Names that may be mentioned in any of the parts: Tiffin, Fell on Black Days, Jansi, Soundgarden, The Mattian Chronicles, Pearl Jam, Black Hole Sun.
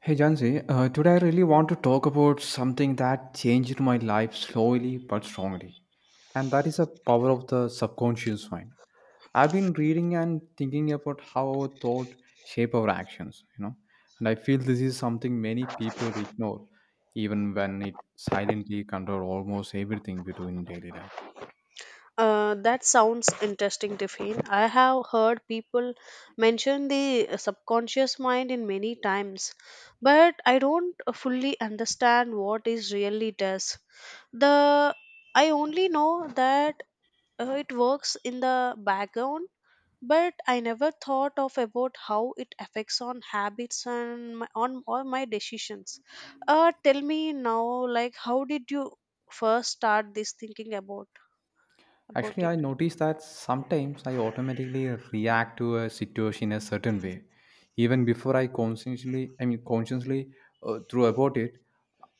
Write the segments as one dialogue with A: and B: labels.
A: Hey Jansi, today I really want to talk about something that changed my life slowly but strongly, and that is the power of the subconscious mind. I've been reading and thinking about how our thought shape our actions, and I feel this is something many people ignore, even when it silently control almost everything we do in daily life.
B: That sounds interesting, Tiffin. I have heard people mention the subconscious mind in many times, but I don't fully understand what it really does. The I only know that it works in the background, but I never thought of about how it affects on habits and my, on all my decisions. Tell me now, like how did you first start this thinking about
A: Actually,
B: it?
A: I notice that sometimes I automatically react to a situation a certain way, even before I consciously, I mean, consciously through about it.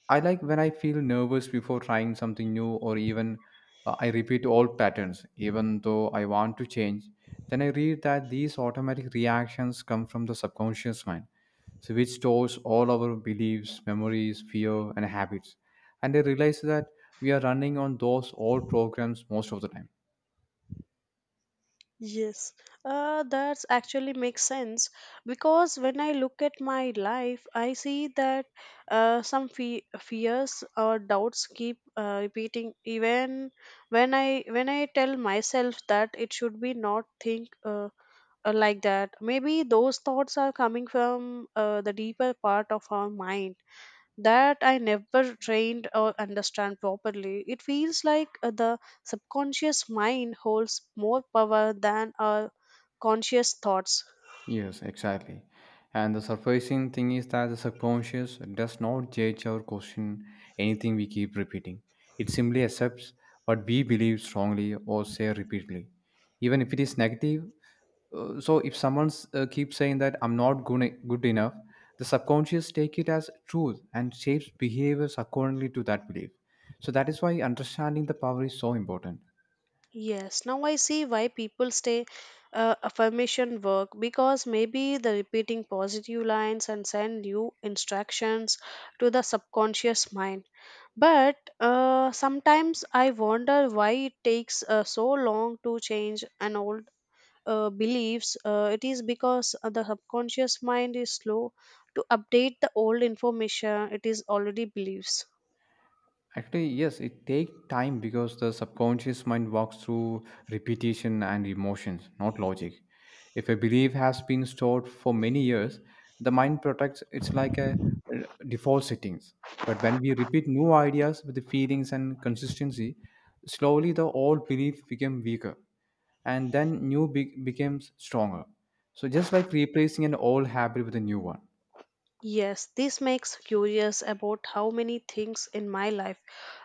A: I like when I feel nervous before trying something new, or even I repeat old patterns, even though I want to change. Then I read that these automatic reactions come from the subconscious mind, so which stores all our beliefs, memories, fear, and habits. And I realize that we are running on those old programs most of the time
B: Yes, that's actually makes sense because when I look at my life, I see that some fears or doubts keep repeating even when I tell myself that it should be not think like that. Maybe those thoughts are coming from the deeper part of our mind that I never trained or understand properly. It feels like the subconscious mind holds more power than our conscious thoughts.
A: Yes, exactly. And the surprising thing is that the subconscious does not judge or question anything we keep repeating. It simply accepts what we believe strongly or say repeatedly, even if it is negative. So if someone keeps saying that I'm not good enough, the subconscious take it as truth and shapes behaviors accordingly to that belief. So that is why understanding the power is so important
B: Yes, now I see why people stay affirmation work because maybe the repeating positive lines and send new instructions to the subconscious mind. But sometimes I wonder why it takes so long to change an old beliefs. It is because the subconscious mind is slow to update the old information it is already believes.
A: Actually, yes, it takes time because the subconscious mind walks through repetition and emotions, not logic. If a belief has been stored for many years, the mind protects it's like a uh, default settings. But when we repeat new ideas with the feelings and consistency, slowly the old belief became weaker and then becomes stronger. So just like replacing an old habit with a new one.
B: Yes, this makes curious about how many things in my life.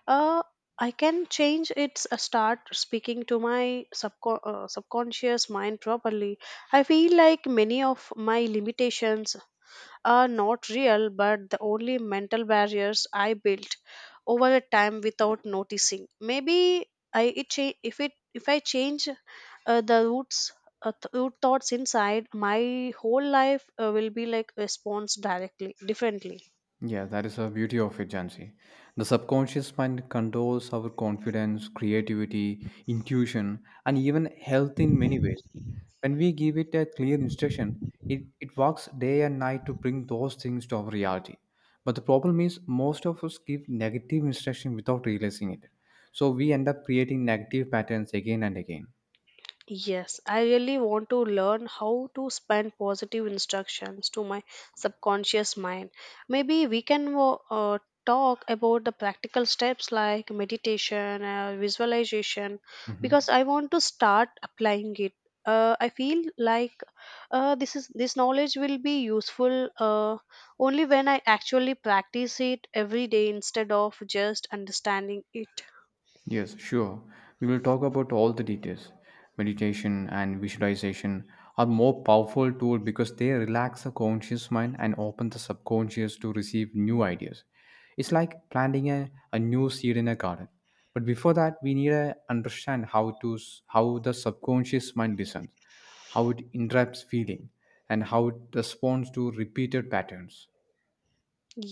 B: Uh, I can change its start speaking to my subconscious mind properly. I feel like many of my limitations are not real but the only mental barriers I built over the time without noticing. Maybe I it cha- if it if I change the roots root thoughts inside, my whole life will be like response directly differently.
A: Yeah, that is the beauty of it, Jansi. The subconscious mind controls our confidence, creativity, intuition, and even health in many ways. When we give it a clear instruction, it works day and night to bring those things to our reality. But the problem is, most of us give negative instruction without realizing it. So we end up creating negative patterns again and again.
B: Yes, I really want to learn how to spend positive instructions to my subconscious mind. Maybe we can talk about the practical steps like meditation, visualization, because
A: Mhm.
B: I want to start applying it. I feel like this knowledge will be useful only when I actually practice it every day instead of just understanding it.
A: Yes, sure. We will talk about all the details. Meditation and visualization are more powerful tool because they relax the conscious mind and open the subconscious to receive new ideas. It's like planting a new seed in a garden. But before that, we need to understand how the subconscious mind listens, how it interrupts feeling, and how it responds to repeated patterns.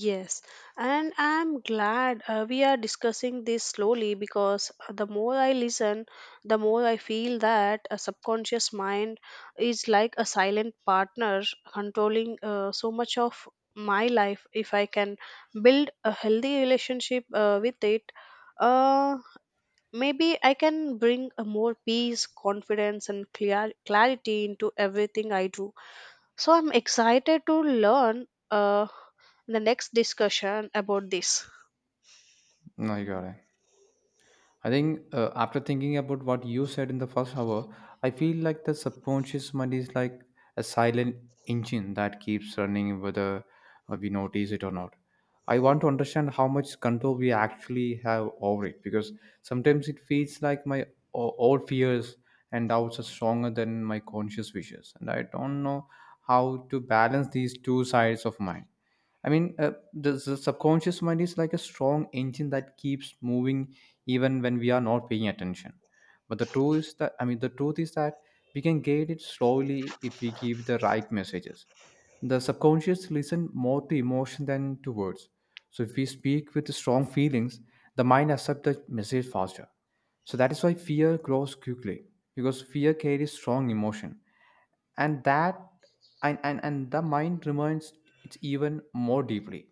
B: Yes, and I'm glad we are discussing this slowly because the more I listen, the more I feel that a subconscious mind is like a silent partner controlling so much of my life. If I can build a healthy relationship with it, uh, maybe I can bring a more peace, confidence, and clear clarity into everything I do. So I'm excited to learn the next discussion about this.
A: Oh, you got it. I think after thinking about what you said in the first hour, I feel like the subconscious mind is like a silent engine that keeps running whether we notice it or not. I want to understand how much control we actually have over it because sometimes it feels like my old fears and doubts are stronger than my conscious wishes, and I don't know how to balance these two sides of mine. I mean, the subconscious mind is like a strong engine that keeps moving even when we are not paying attention, but the truth is that we can get it slowly if we give the right messages. The subconscious listen more to emotion than to words, so if we speak with strong feelings, the mind accepts the message faster. So that is why fear grows quickly, because fear carries strong emotion, and that and the mind remains it even more deeply.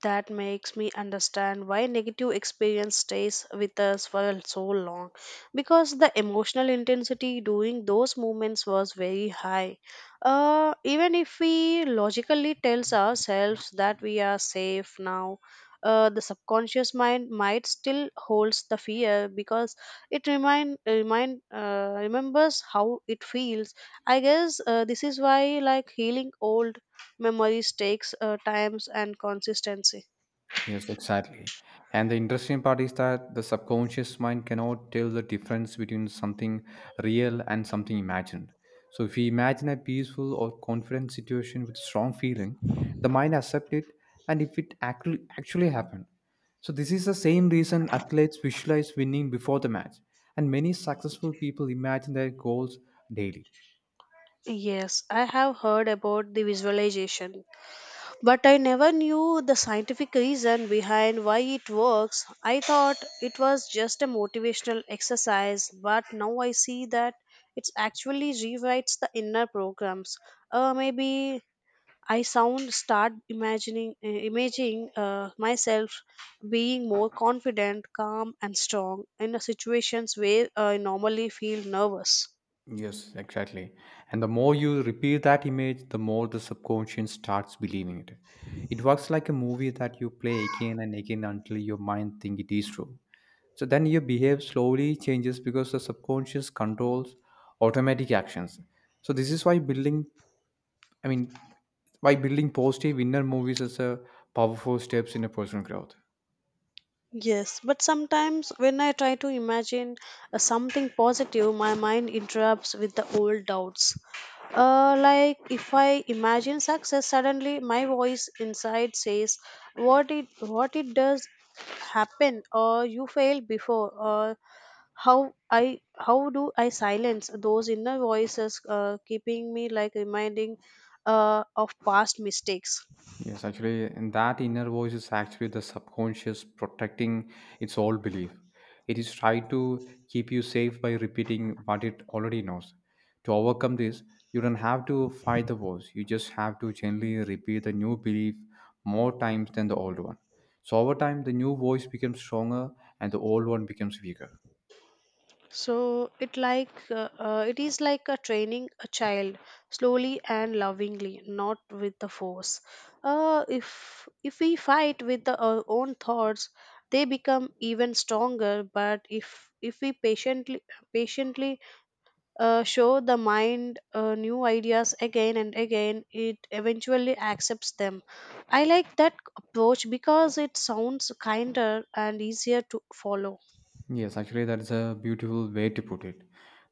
B: That makes me understand why negative experience stays with us for so long. Because the emotional intensity during those moments was very high. Even if we logically tells ourselves that we are safe now, the subconscious mind might still holds the fear because it remind remind remembers how it feels. I guess this is why like healing old memories takes times and consistency.
A: Yes, exactly. And the interesting part is that the subconscious mind cannot tell the difference between something real and something imagined. So, if we imagine a peaceful or confident situation with strong feeling, the mind accepts it and if it actually happened. So, this is the same reason athletes visualize winning before the match, and many successful people imagine their goals daily.
B: Yes, I have heard about the visualization, but I never knew the scientific reason behind why it works. I thought it was just a motivational exercise, but now I see that it actually rewrites the inner programs. Maybe I sound start imagining imaging myself being more confident, calm, and strong in the situations where I normally feel nervous.
A: Yes, exactly. And the more you repeat that image, the more the subconscious starts believing it. It works like a movie that you play again and again until your mind think it is true. So then your behavior slowly changes because the subconscious controls automatic actions. So this is why I mean, building positive inner movies is a powerful steps in a personal growth.
B: Yes, but sometimes when I try to imagine something positive, my mind interrupts with the old doubts. Like if I imagine success, suddenly my voice inside says, "What it does happen, or you failed before, or how do I silence those inner voices keeping me like reminding of past mistakes?"
A: Yes, actually, and that inner voice is actually the subconscious protecting its old belief. It is trying to keep you safe by repeating what it already knows. To overcome this, you don't have to fight the voice. You just have to gently repeat the new belief more times than the old one. So over time, the new voice becomes stronger and the old one becomes weaker.
B: So it is like a training a child slowly and lovingly, not with the force. If we fight with our own thoughts, they become even stronger. But if we patiently show the mind new ideas again and again, it eventually accepts them. I like that approach because it sounds kinder and easier to follow.
A: Yes, actually, that is a beautiful way to put it.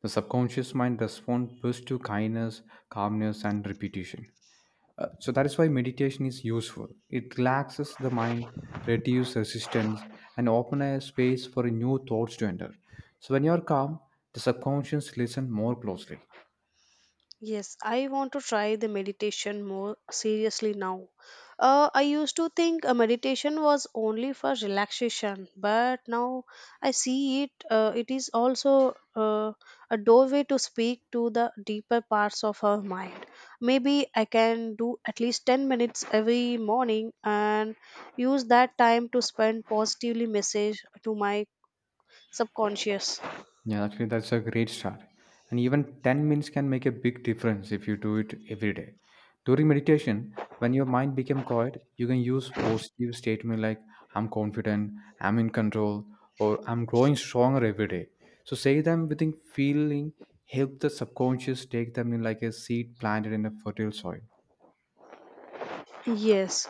A: The subconscious mind responds best to kindness, calmness, and repetition. So that is why meditation is useful. It relaxes the mind, reduces resistance, and open a space for new thoughts to enter. So when you are calm, the subconscious listen more closely.
B: Yes, I want to try the meditation more seriously now. I used to think a meditation was only for relaxation, but now I see it. It is also a doorway to speak to the deeper parts of our mind. Maybe I can do at least 10 minutes every morning and use that time to spend positively message to my subconscious.
A: Yeah, actually, that's a great start. And even 10 minutes can make a big difference if you do it every day. During meditation, when your mind becomes quiet, you can use positive statements like I'm confident, I'm in control, or I'm growing stronger every day. So say them within feeling help the subconscious take them in like a seed planted in a fertile soil.
B: Yes,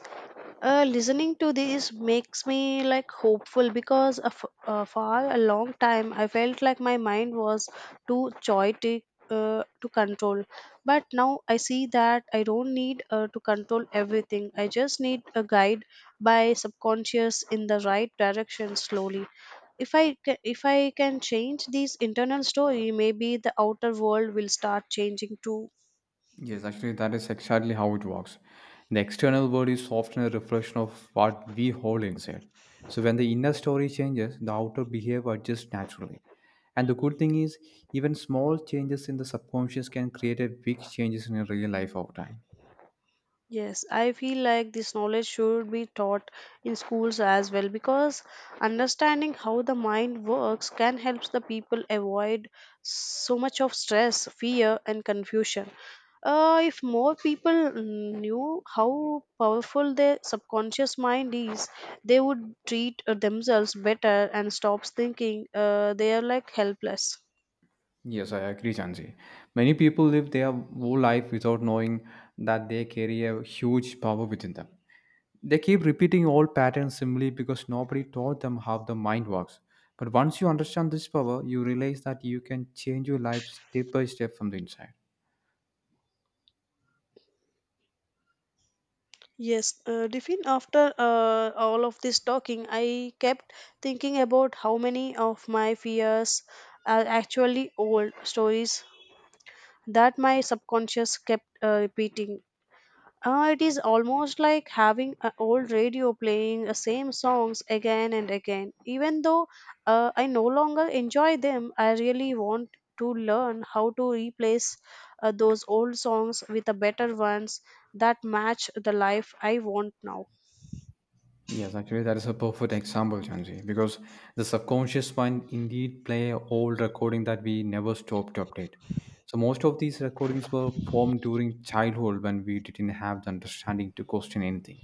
B: listening to this makes me like hopeful because for a long time I felt like my mind was too chaotic to control. But now I see that I don't need to control everything. I just need a guide by subconscious in the right direction slowly. If I can change this internal story, maybe the outer world will start changing too.
A: Yes, actually, that is exactly how it works. The external world is often a reflection of what we hold inside. So, when the inner story changes, the outer behavior adjusts naturally. And the good thing is, even small changes in the subconscious can create a big changes in your real life over time.
B: Yes, I feel like this knowledge should be taught in schools as well because understanding how the mind works can help the people avoid so much of stress, fear, and confusion. If more people knew how powerful their subconscious mind is, they would treat themselves better and stops thinking they are like helpless.
A: Yes, I agree, Janji. Many people live their whole life without knowing that they carry a huge power within them. They keep repeating old patterns simply because nobody taught them how the mind works. But once you understand this power, you realize that you can change your life step by step from the inside.
B: Yes, Diffin, after all of this talking, I kept thinking about how many of my fears are actually old stories that my subconscious kept repeating. It is almost like having an old radio playing the same songs again and again. Even though I no longer enjoy them, I really want to learn how to replace those old songs with the better ones that match the life I want now.
A: Yes, actually, that is a perfect example, Chanji, because the subconscious mind indeed play old recording that we never stop to update. So most of these recordings were formed during childhood when we didn't have the understanding to question anything.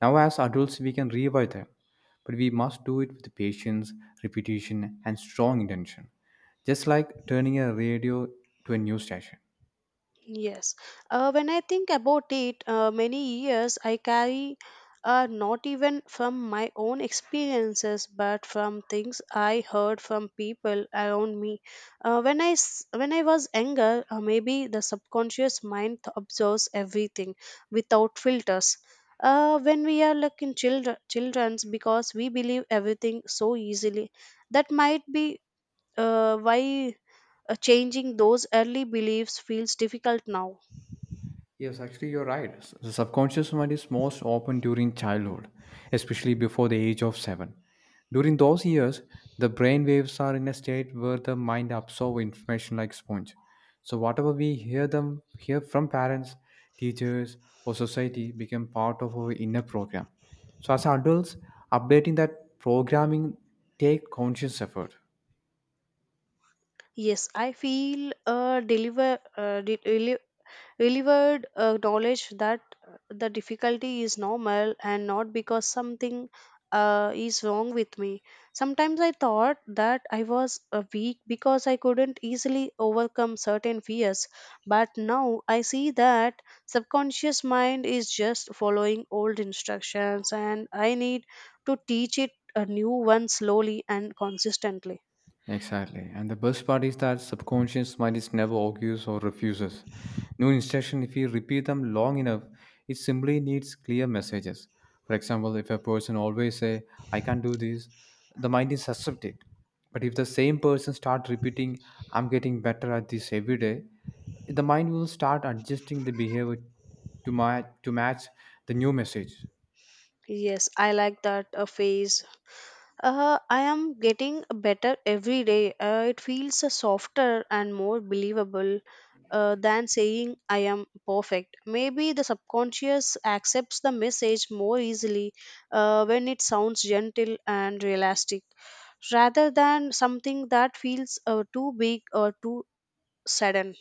A: Now, as adults, we can revive them, but we must do it with patience, repetition, and strong intention. Just like turning a radio to a news station.
B: Yes. When I think about it, many years I carry are not even from my own experiences, but from things I heard from people around me. When I was younger, maybe the subconscious mind observes everything without filters. When we are like in childrens, because we believe everything so easily, that might be why changing those early beliefs feels difficult now.
A: Yes, actually, you're right. The subconscious mind is most open during childhood, especially before the age of seven. During those years, the brain waves are in a state where the mind absorbs information like sponge. So whatever we hear them hear from parents, teachers, or society become part of our inner program. So as adults, updating that programming take conscious effort.
B: Yes, I feel delivered knowledge that the difficulty is normal and not because something is wrong with me. Sometimes I thought that I was weak because I couldn't easily overcome certain fears, but now I see that subconscious mind is just following old instructions and I need to teach it a new one slowly and consistently.
A: Exactly. And the best part is that subconscious mind is never argues or refuses. New instruction, if we repeat them long enough, it simply needs clear messages. For example, if a person always say, I can't do this, the mind is accept it. But if the same person start repeating, I'm getting better at this every day, the mind will start adjusting the behavior to, my, to match the new message.
B: Yes, I like that phase. I am getting better every day. It feels softer and more believable than saying I am perfect. Maybe the subconscious accepts the message more easily when it sounds gentle and realistic rather than something that feels too big or too sudden.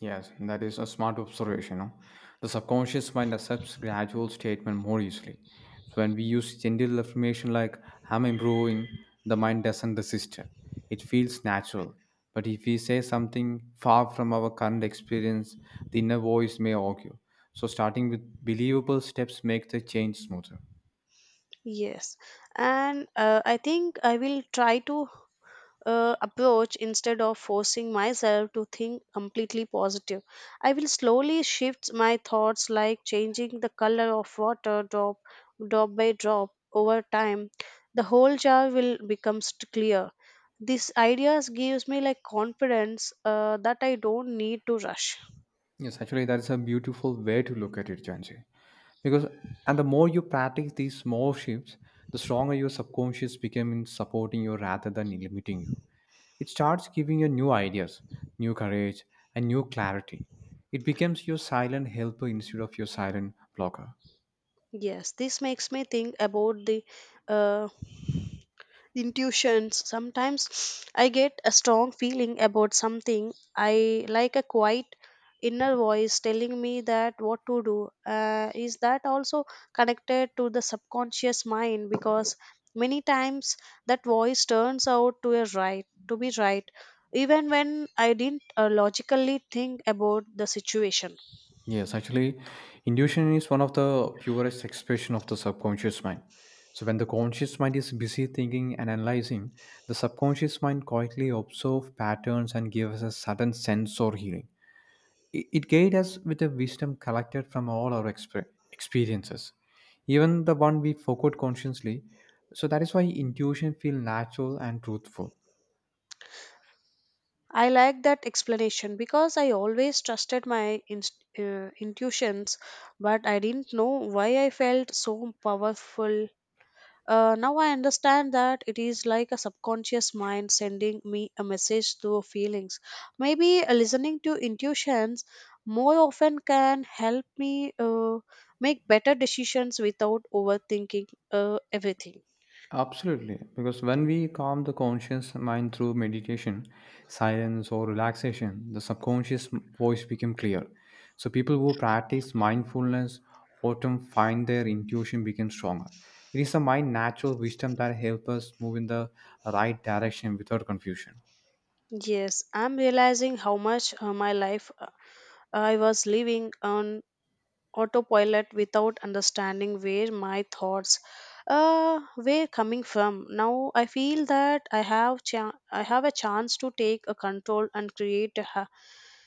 A: Yes, that is a smart observation. No? The subconscious mind accepts gradual statement more easily. So when we use gentle affirmation like "I'm improving," the mind doesn't resist it. It feels natural. But if we say something far from our current experience, the inner voice may argue. So starting with believable steps make the change smoother.
B: Yes, and I think I will try to approach instead of forcing myself to think completely positive. I will slowly shift my thoughts like changing the color of water drop by drop over time. The whole jar will become clear. These ideas gives me like confidence that I don't need to rush.
A: Yes, actually, that is a beautiful way to look at it, Janji. Because and the more you practice these small shifts, the stronger your subconscious becomes in supporting you rather than limiting you. It starts giving you new ideas, new courage, and new clarity. It becomes your silent helper instead of your silent blocker.
B: Yes, this makes me think about the uh, intuitions. Sometimes I get a strong feeling about something, I like a quiet inner voice telling me that what to do. Is that also connected to the subconscious mind? Because many times that voice turns out to be right even when I didn't logically think about the situation.
A: Yes, actually, intuition is one of the purest expression of the subconscious mind. So when the conscious mind is busy thinking and analyzing, the subconscious mind quietly observes patterns and gives us a sudden sense or healing. It guides us with a wisdom collected from all our experiences, even the one we forgot consciously. So that is why intuition feels natural and truthful.
B: I like that explanation because I always trusted my intuitions, but I didn't know why I felt so powerful. Now I understand that it is like a subconscious mind sending me a message through feelings. Maybe listening to intuitions more often can help me make better decisions without overthinking everything.
A: Absolutely, because when we calm the conscious mind through meditation, silence or relaxation, the subconscious voice becomes clear. So people who practice mindfulness often find their intuition becomes stronger. It is the mind natural wisdom that helps us move in the right direction without confusion.
B: Yes, I'm realizing how much my life I was living on autopilot without understanding where my thoughts were coming from. Now I feel that I have a chance to take a control and create a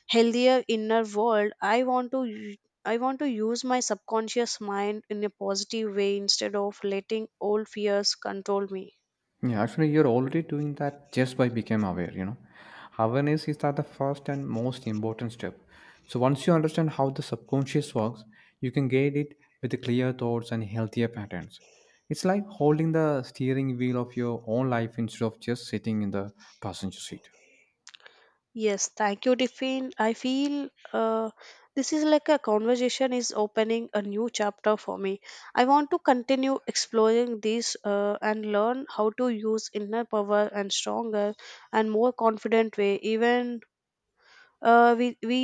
B: healthier inner world. I want to use my subconscious mind in a positive way instead of letting old fears control me.
A: Yeah, actually, you're already doing that just by becoming aware, you know. Awareness is that the first and most important step. So once you understand how the subconscious works, you can guide it with the clear thoughts and healthier patterns. It's like holding the steering wheel of your own life instead of just sitting in the passenger seat.
B: Yes, thank you, Tiffin. I feel this is like a conversation is opening a new chapter for me. I want to continue exploring these and learn how to use inner power and stronger and more confident way. Even we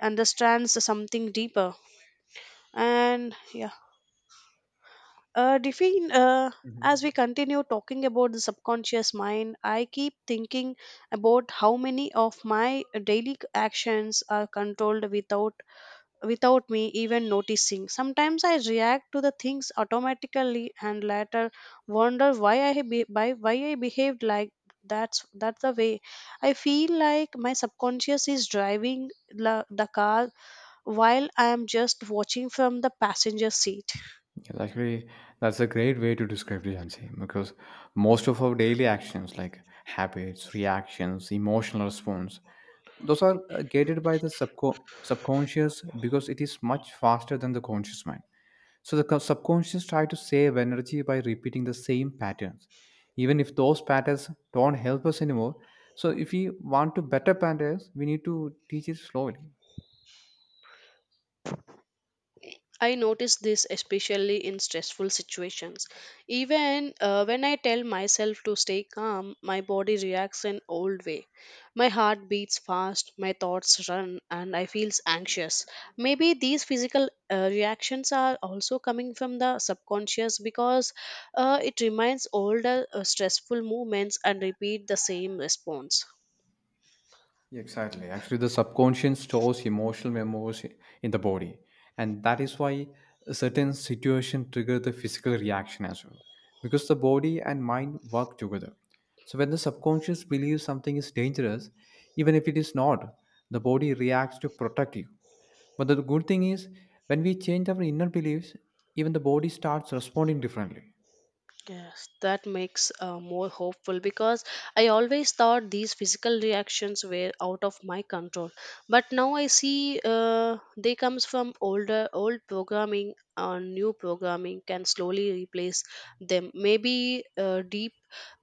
B: understands something deeper. And yeah. Diffin, as we
A: Mhm.
B: continue talking about the subconscious mind, I keep thinking about how many of my daily actions are controlled without me even noticing. Sometimes I react to the things automatically and later wonder why I behaved like that's. That's the way I feel like my subconscious is driving the car while I am just watching from the passenger seat.
A: Yes, actually, that's a great way to describe it, Jansi, because most of our daily actions, like habits, reactions, emotional response, those are gated by the subconscious because it is much faster than the conscious mind. So the subconscious try to save energy by repeating the same patterns, even if those patterns don't help us anymore. So if we want to better patterns, we need to teach it slowly.
B: I notice this especially in stressful situations. Even when I tell myself to stay calm, my body reacts in old way. My heart beats fast, my thoughts run, and I feel anxious. Maybe these physical reactions are also coming from the subconscious because it reminds older stressful moments and repeat the same response.
A: Yeah, exactly. Actually, the subconscious stores emotional memories in the body, and that is why a certain situation trigger the physical reaction as well, because the body and mind work together. So when the subconscious believes something is dangerous, even if it is not, the body reacts to protect you. But the good thing is, when we change our inner beliefs, even the body starts responding differently.
B: Yes, that makes more hopeful because I always thought these physical reactions were out of my control, but now I see they comes from older old programming and new programming can slowly replace them. Maybe deep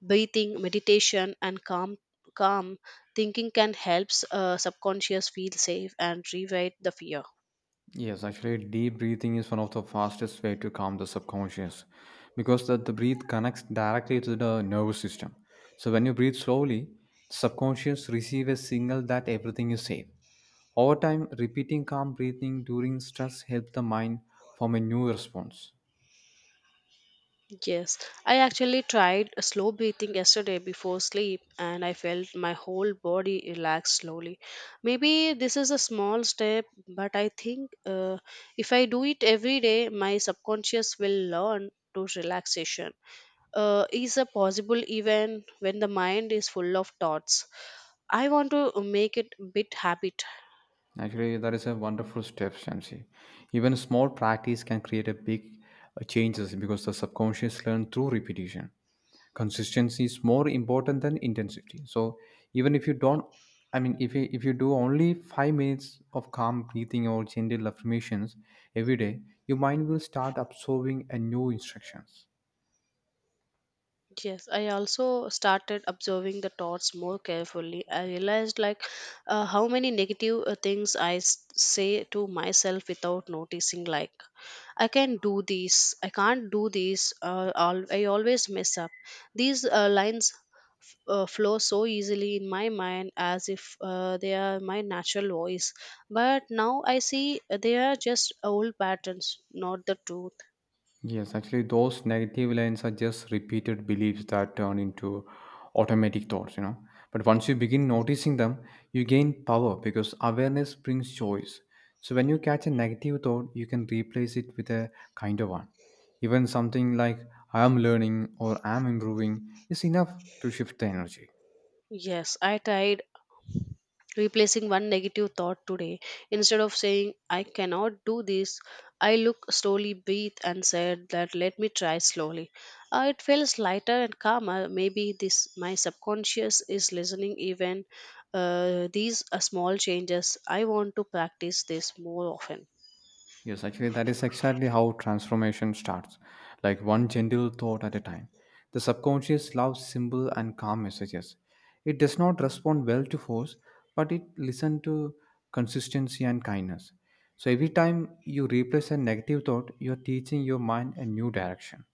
B: breathing, meditation, and calm thinking can help subconscious feel safe and rewrite the fear.
A: Yes, actually, deep breathing is one of the fastest way to calm the subconscious because that the breath connects directly to the nervous system. So when you breathe slowly, subconscious receive a signal that everything is safe. Over time, repeating calm breathing during stress helps the mind form a new response.
B: Yes, I actually tried a slow breathing yesterday before sleep and I felt my whole body relax slowly. Maybe this is a small step, but I think if I do it every day, my subconscious will learn to relaxation. Is a possible even when the mind is full of thoughts. I want to make it a bit habit.
A: Actually, that is a wonderful step, Shamsi. Even small practice can create a big changes because the subconscious learn through repetition. Consistency is more important than intensity. So even if you don't, I mean if you do only 5 minutes of calm breathing or gentle affirmations every day, your mind will start absorbing a new instructions.
B: Yes, I also started observing the thoughts more carefully. I realized like how many negative things say to myself without noticing. Like I can do this, I can't do this. I always mess up. These lines flow so easily in my mind as if they are my natural voice. But now I see they are just old patterns, not the truth.
A: Yes, actually, those negative lines are just repeated beliefs that turn into automatic thoughts. But once you begin noticing them, you gain power because awareness brings choice. So when you catch a negative thought, you can replace it with a kinder one. Even something like I am learning or I am improving is enough to shift the energy.
B: Yes, I tried replacing one negative thought today instead of saying I cannot do this. I look slowly breathe and said that let me try slowly. It feels lighter and calmer. Maybe this my subconscious is listening even these are small changes. I want to practice this more often.
A: Yes, actually, that is exactly how transformation starts, like one gentle thought at a time. The subconscious loves simple and calm messages. It does not respond well to force, but it listens to consistency and kindness. So every time you replace a negative thought, you are teaching your mind a new direction.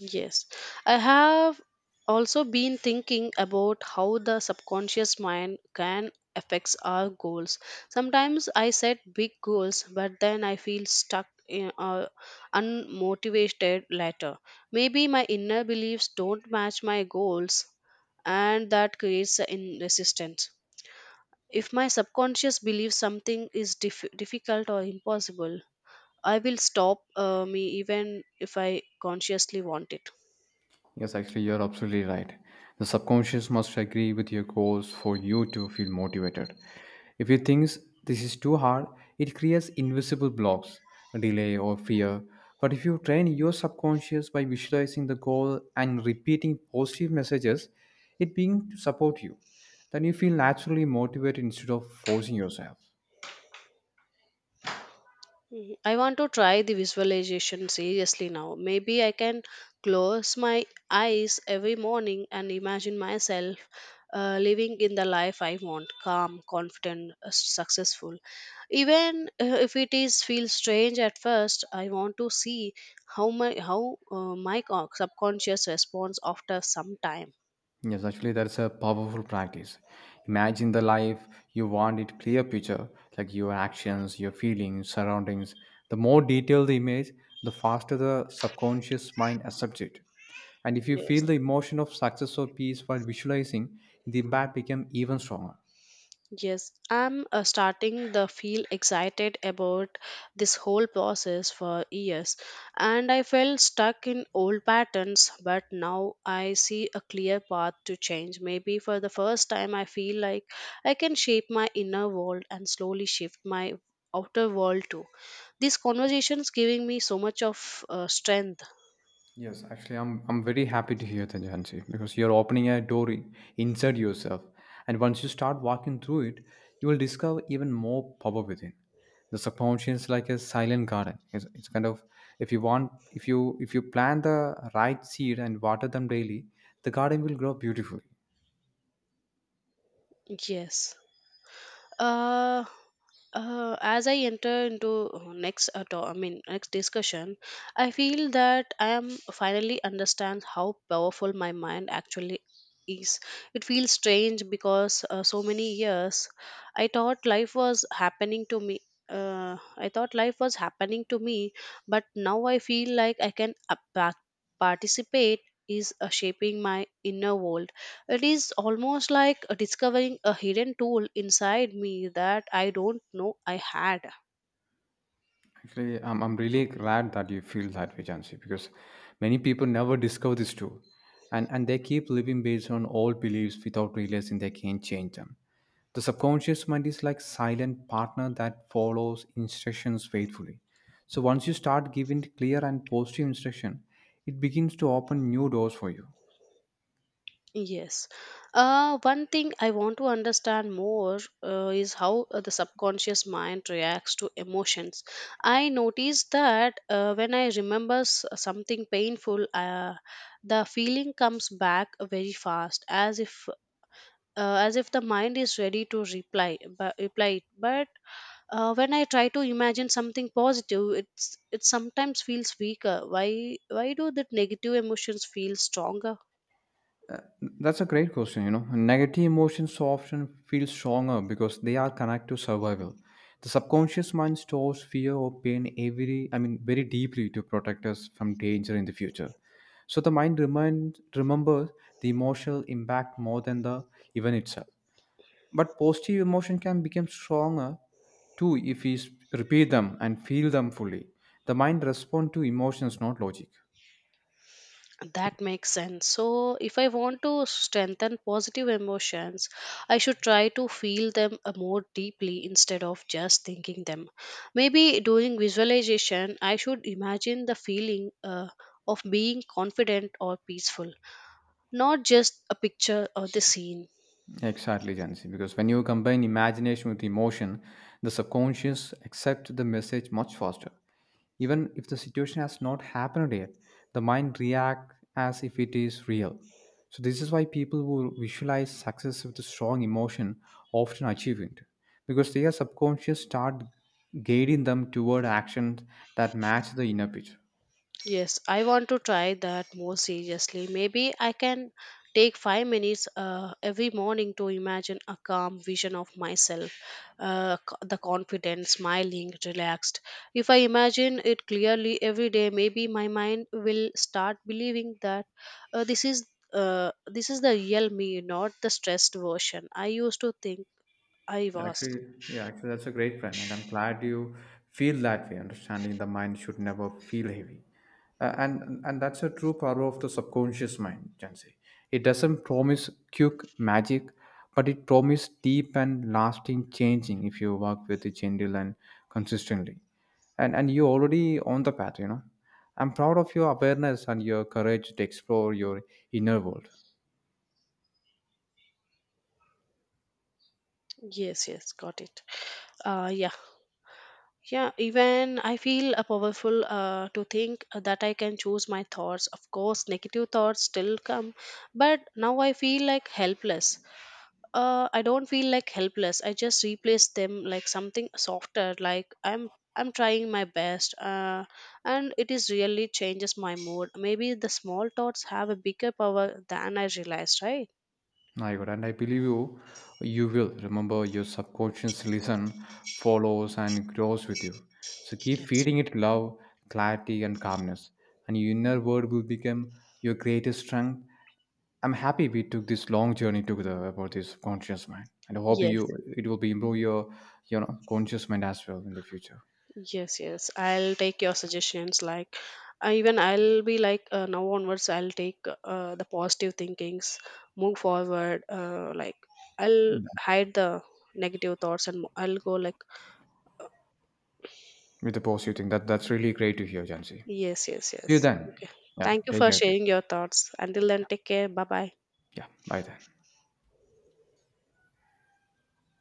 B: Yes, I have also been thinking about how the subconscious mind can affects our goals. Sometimes I set big goals, but then I feel stuck in, or unmotivated later. Maybe my inner beliefs don't match my goals, and that creates a in resistance. If my subconscious believes something is difficult or impossible, I will stop me even if I consciously want it.
A: Yes, actually, you're absolutely right. The subconscious must agree with your goals for you to feel motivated. If it thinks this is too hard, it creates invisible blocks, a delay, or fear. But if you train your subconscious by visualizing the goal and repeating positive messages, it being to support you, then you feel naturally motivated instead of forcing yourself.
B: Mhm. I want to try the visualization seriously now. Maybe I can close my eyes every morning and imagine myself living in the life I want calm, confident, successful. Even if it is feels strange at first, I want to see how my subconscious responds after some time.
A: Yes, actually, that's a powerful practice. Imagine the life you want it clear picture, like your actions, your feelings, surroundings. The more detailed the image, the faster the subconscious mind accepts it. And if you feel
B: Yes.
A: the emotion of success or peace while visualizing, the impact becomes even stronger.
B: Yes, I'm starting to feel excited about this whole process for years, and I felt stuck in old patterns. But now I see a clear path to change. Maybe for the first time, I feel like I can shape my inner world and slowly shift my outer world too. These conversations giving me so much of strength.
A: Yes, actually, I'm very happy to hear that, Jansi, because you're opening a door inside yourself, and once you start walking through it, you will discover even more power within. The subconscious is like a silent garden. It's kind of if you want if you plant the right seed and water them daily, the garden will grow beautifully.
B: Yes. Uh, as I enter into next I mean next discussion, I feel that I am finally understand how powerful my mind actually is. It feels strange because so many years I thought life was happening to me. I thought life was happening to me, but now I feel like I can participate is shaping my inner world. It is almost like discovering a hidden tool inside me that I don't know I had.
A: Actually, I'm really glad that you feel that way, Jansi, because many people never discover this tool, and they keep living based on old beliefs without realizing they can't change them. The subconscious mind is like silent partner that follows instructions faithfully. So once you start giving clear and positive instruction, it begins to open new doors for you.
B: Yes. One thing I want to understand more is how the subconscious mind reacts to emotions. I noticed that when I remember something painful, the feeling comes back very fast, as if the mind is ready to reply, but reply it. But when I try to imagine something positive, it's it sometimes feels weaker. Why do that negative emotions feel stronger?
A: Uh, That's a great question. Negative emotions often feel stronger because they are connected to survival. The subconscious mind stores fear or pain every very deeply to protect us from danger in the future. So the mind remembers the emotional impact more than the event itself. But positive emotion can become stronger too if we repeat them and feel them fully. The mind responds to emotions, not logic.
B: That makes sense. So if I want to strengthen positive emotions, I should try to feel them more deeply instead of just thinking them. Maybe during visualization, I should imagine the feeling of being confident or peaceful, not just a picture or the scene.
A: Exactly, Jansi. Because when you combine imagination with emotion, the subconscious accepts the message much faster. Even if the situation has not happened yet, the mind reacts as if it is real. So this is why people who visualize success with a strong emotion often achieve it, because their subconscious start guiding them toward actions that match the inner picture.
B: Yes, I want to try that more seriously. Maybe I can take 5 minutes every morning to imagine a calm vision of myself, the confident, smiling, relaxed. If I imagine it clearly every day, maybe my mind will start believing that uh, this is this is the real me, not the stressed version I used to think I was.
A: Actually, yeah, actually, that's a great plan, and I'm glad you feel that way. Understanding the mind should never feel heavy, and that's a true power of the subconscious mind. Can it doesn't promise quick magic, but it promises deep and lasting changing if you work with it gentle and consistently. And you're already on the path. I'm proud of your awareness and your courage to explore your inner world.
B: Yes, yes, got it. Yeah. Yeah, even I feel powerful to think that I can choose my thoughts. Of course, negative thoughts still come, but now I feel like helpless. I don't feel like helpless. I just replace them like something softer. Like I'm trying my best, and it is really changes my mood. Maybe the small thoughts have a bigger power than I realized, right?
A: My God, and I believe you, you will remember your subconscious listen, follows and grows with you. So keep
B: Yes.
A: feeding it love, clarity, and calmness, and your inner world will become your greatest strength. I'm happy we took this long journey together about this conscious mind, and I hope
B: Yes.
A: you it will be improve your conscious mind as well in the future.
B: Yes, yes. I'll take your suggestions. Like, even I'll be like, now onwards, I'll take the positive thinkings, move forward. Like, I'll
A: Yeah,
B: hide the negative thoughts and I'll go like,
A: with the positive thing. That's really great to hear, Jansi.
B: yes, yes,
A: See
B: yes.
A: you then.
B: Okay.
A: Yeah,
B: Thank you
A: take
B: for
A: care. Too.
B: sharing your thoughts. Until then, take care. Bye bye.
A: Yeah, bye then.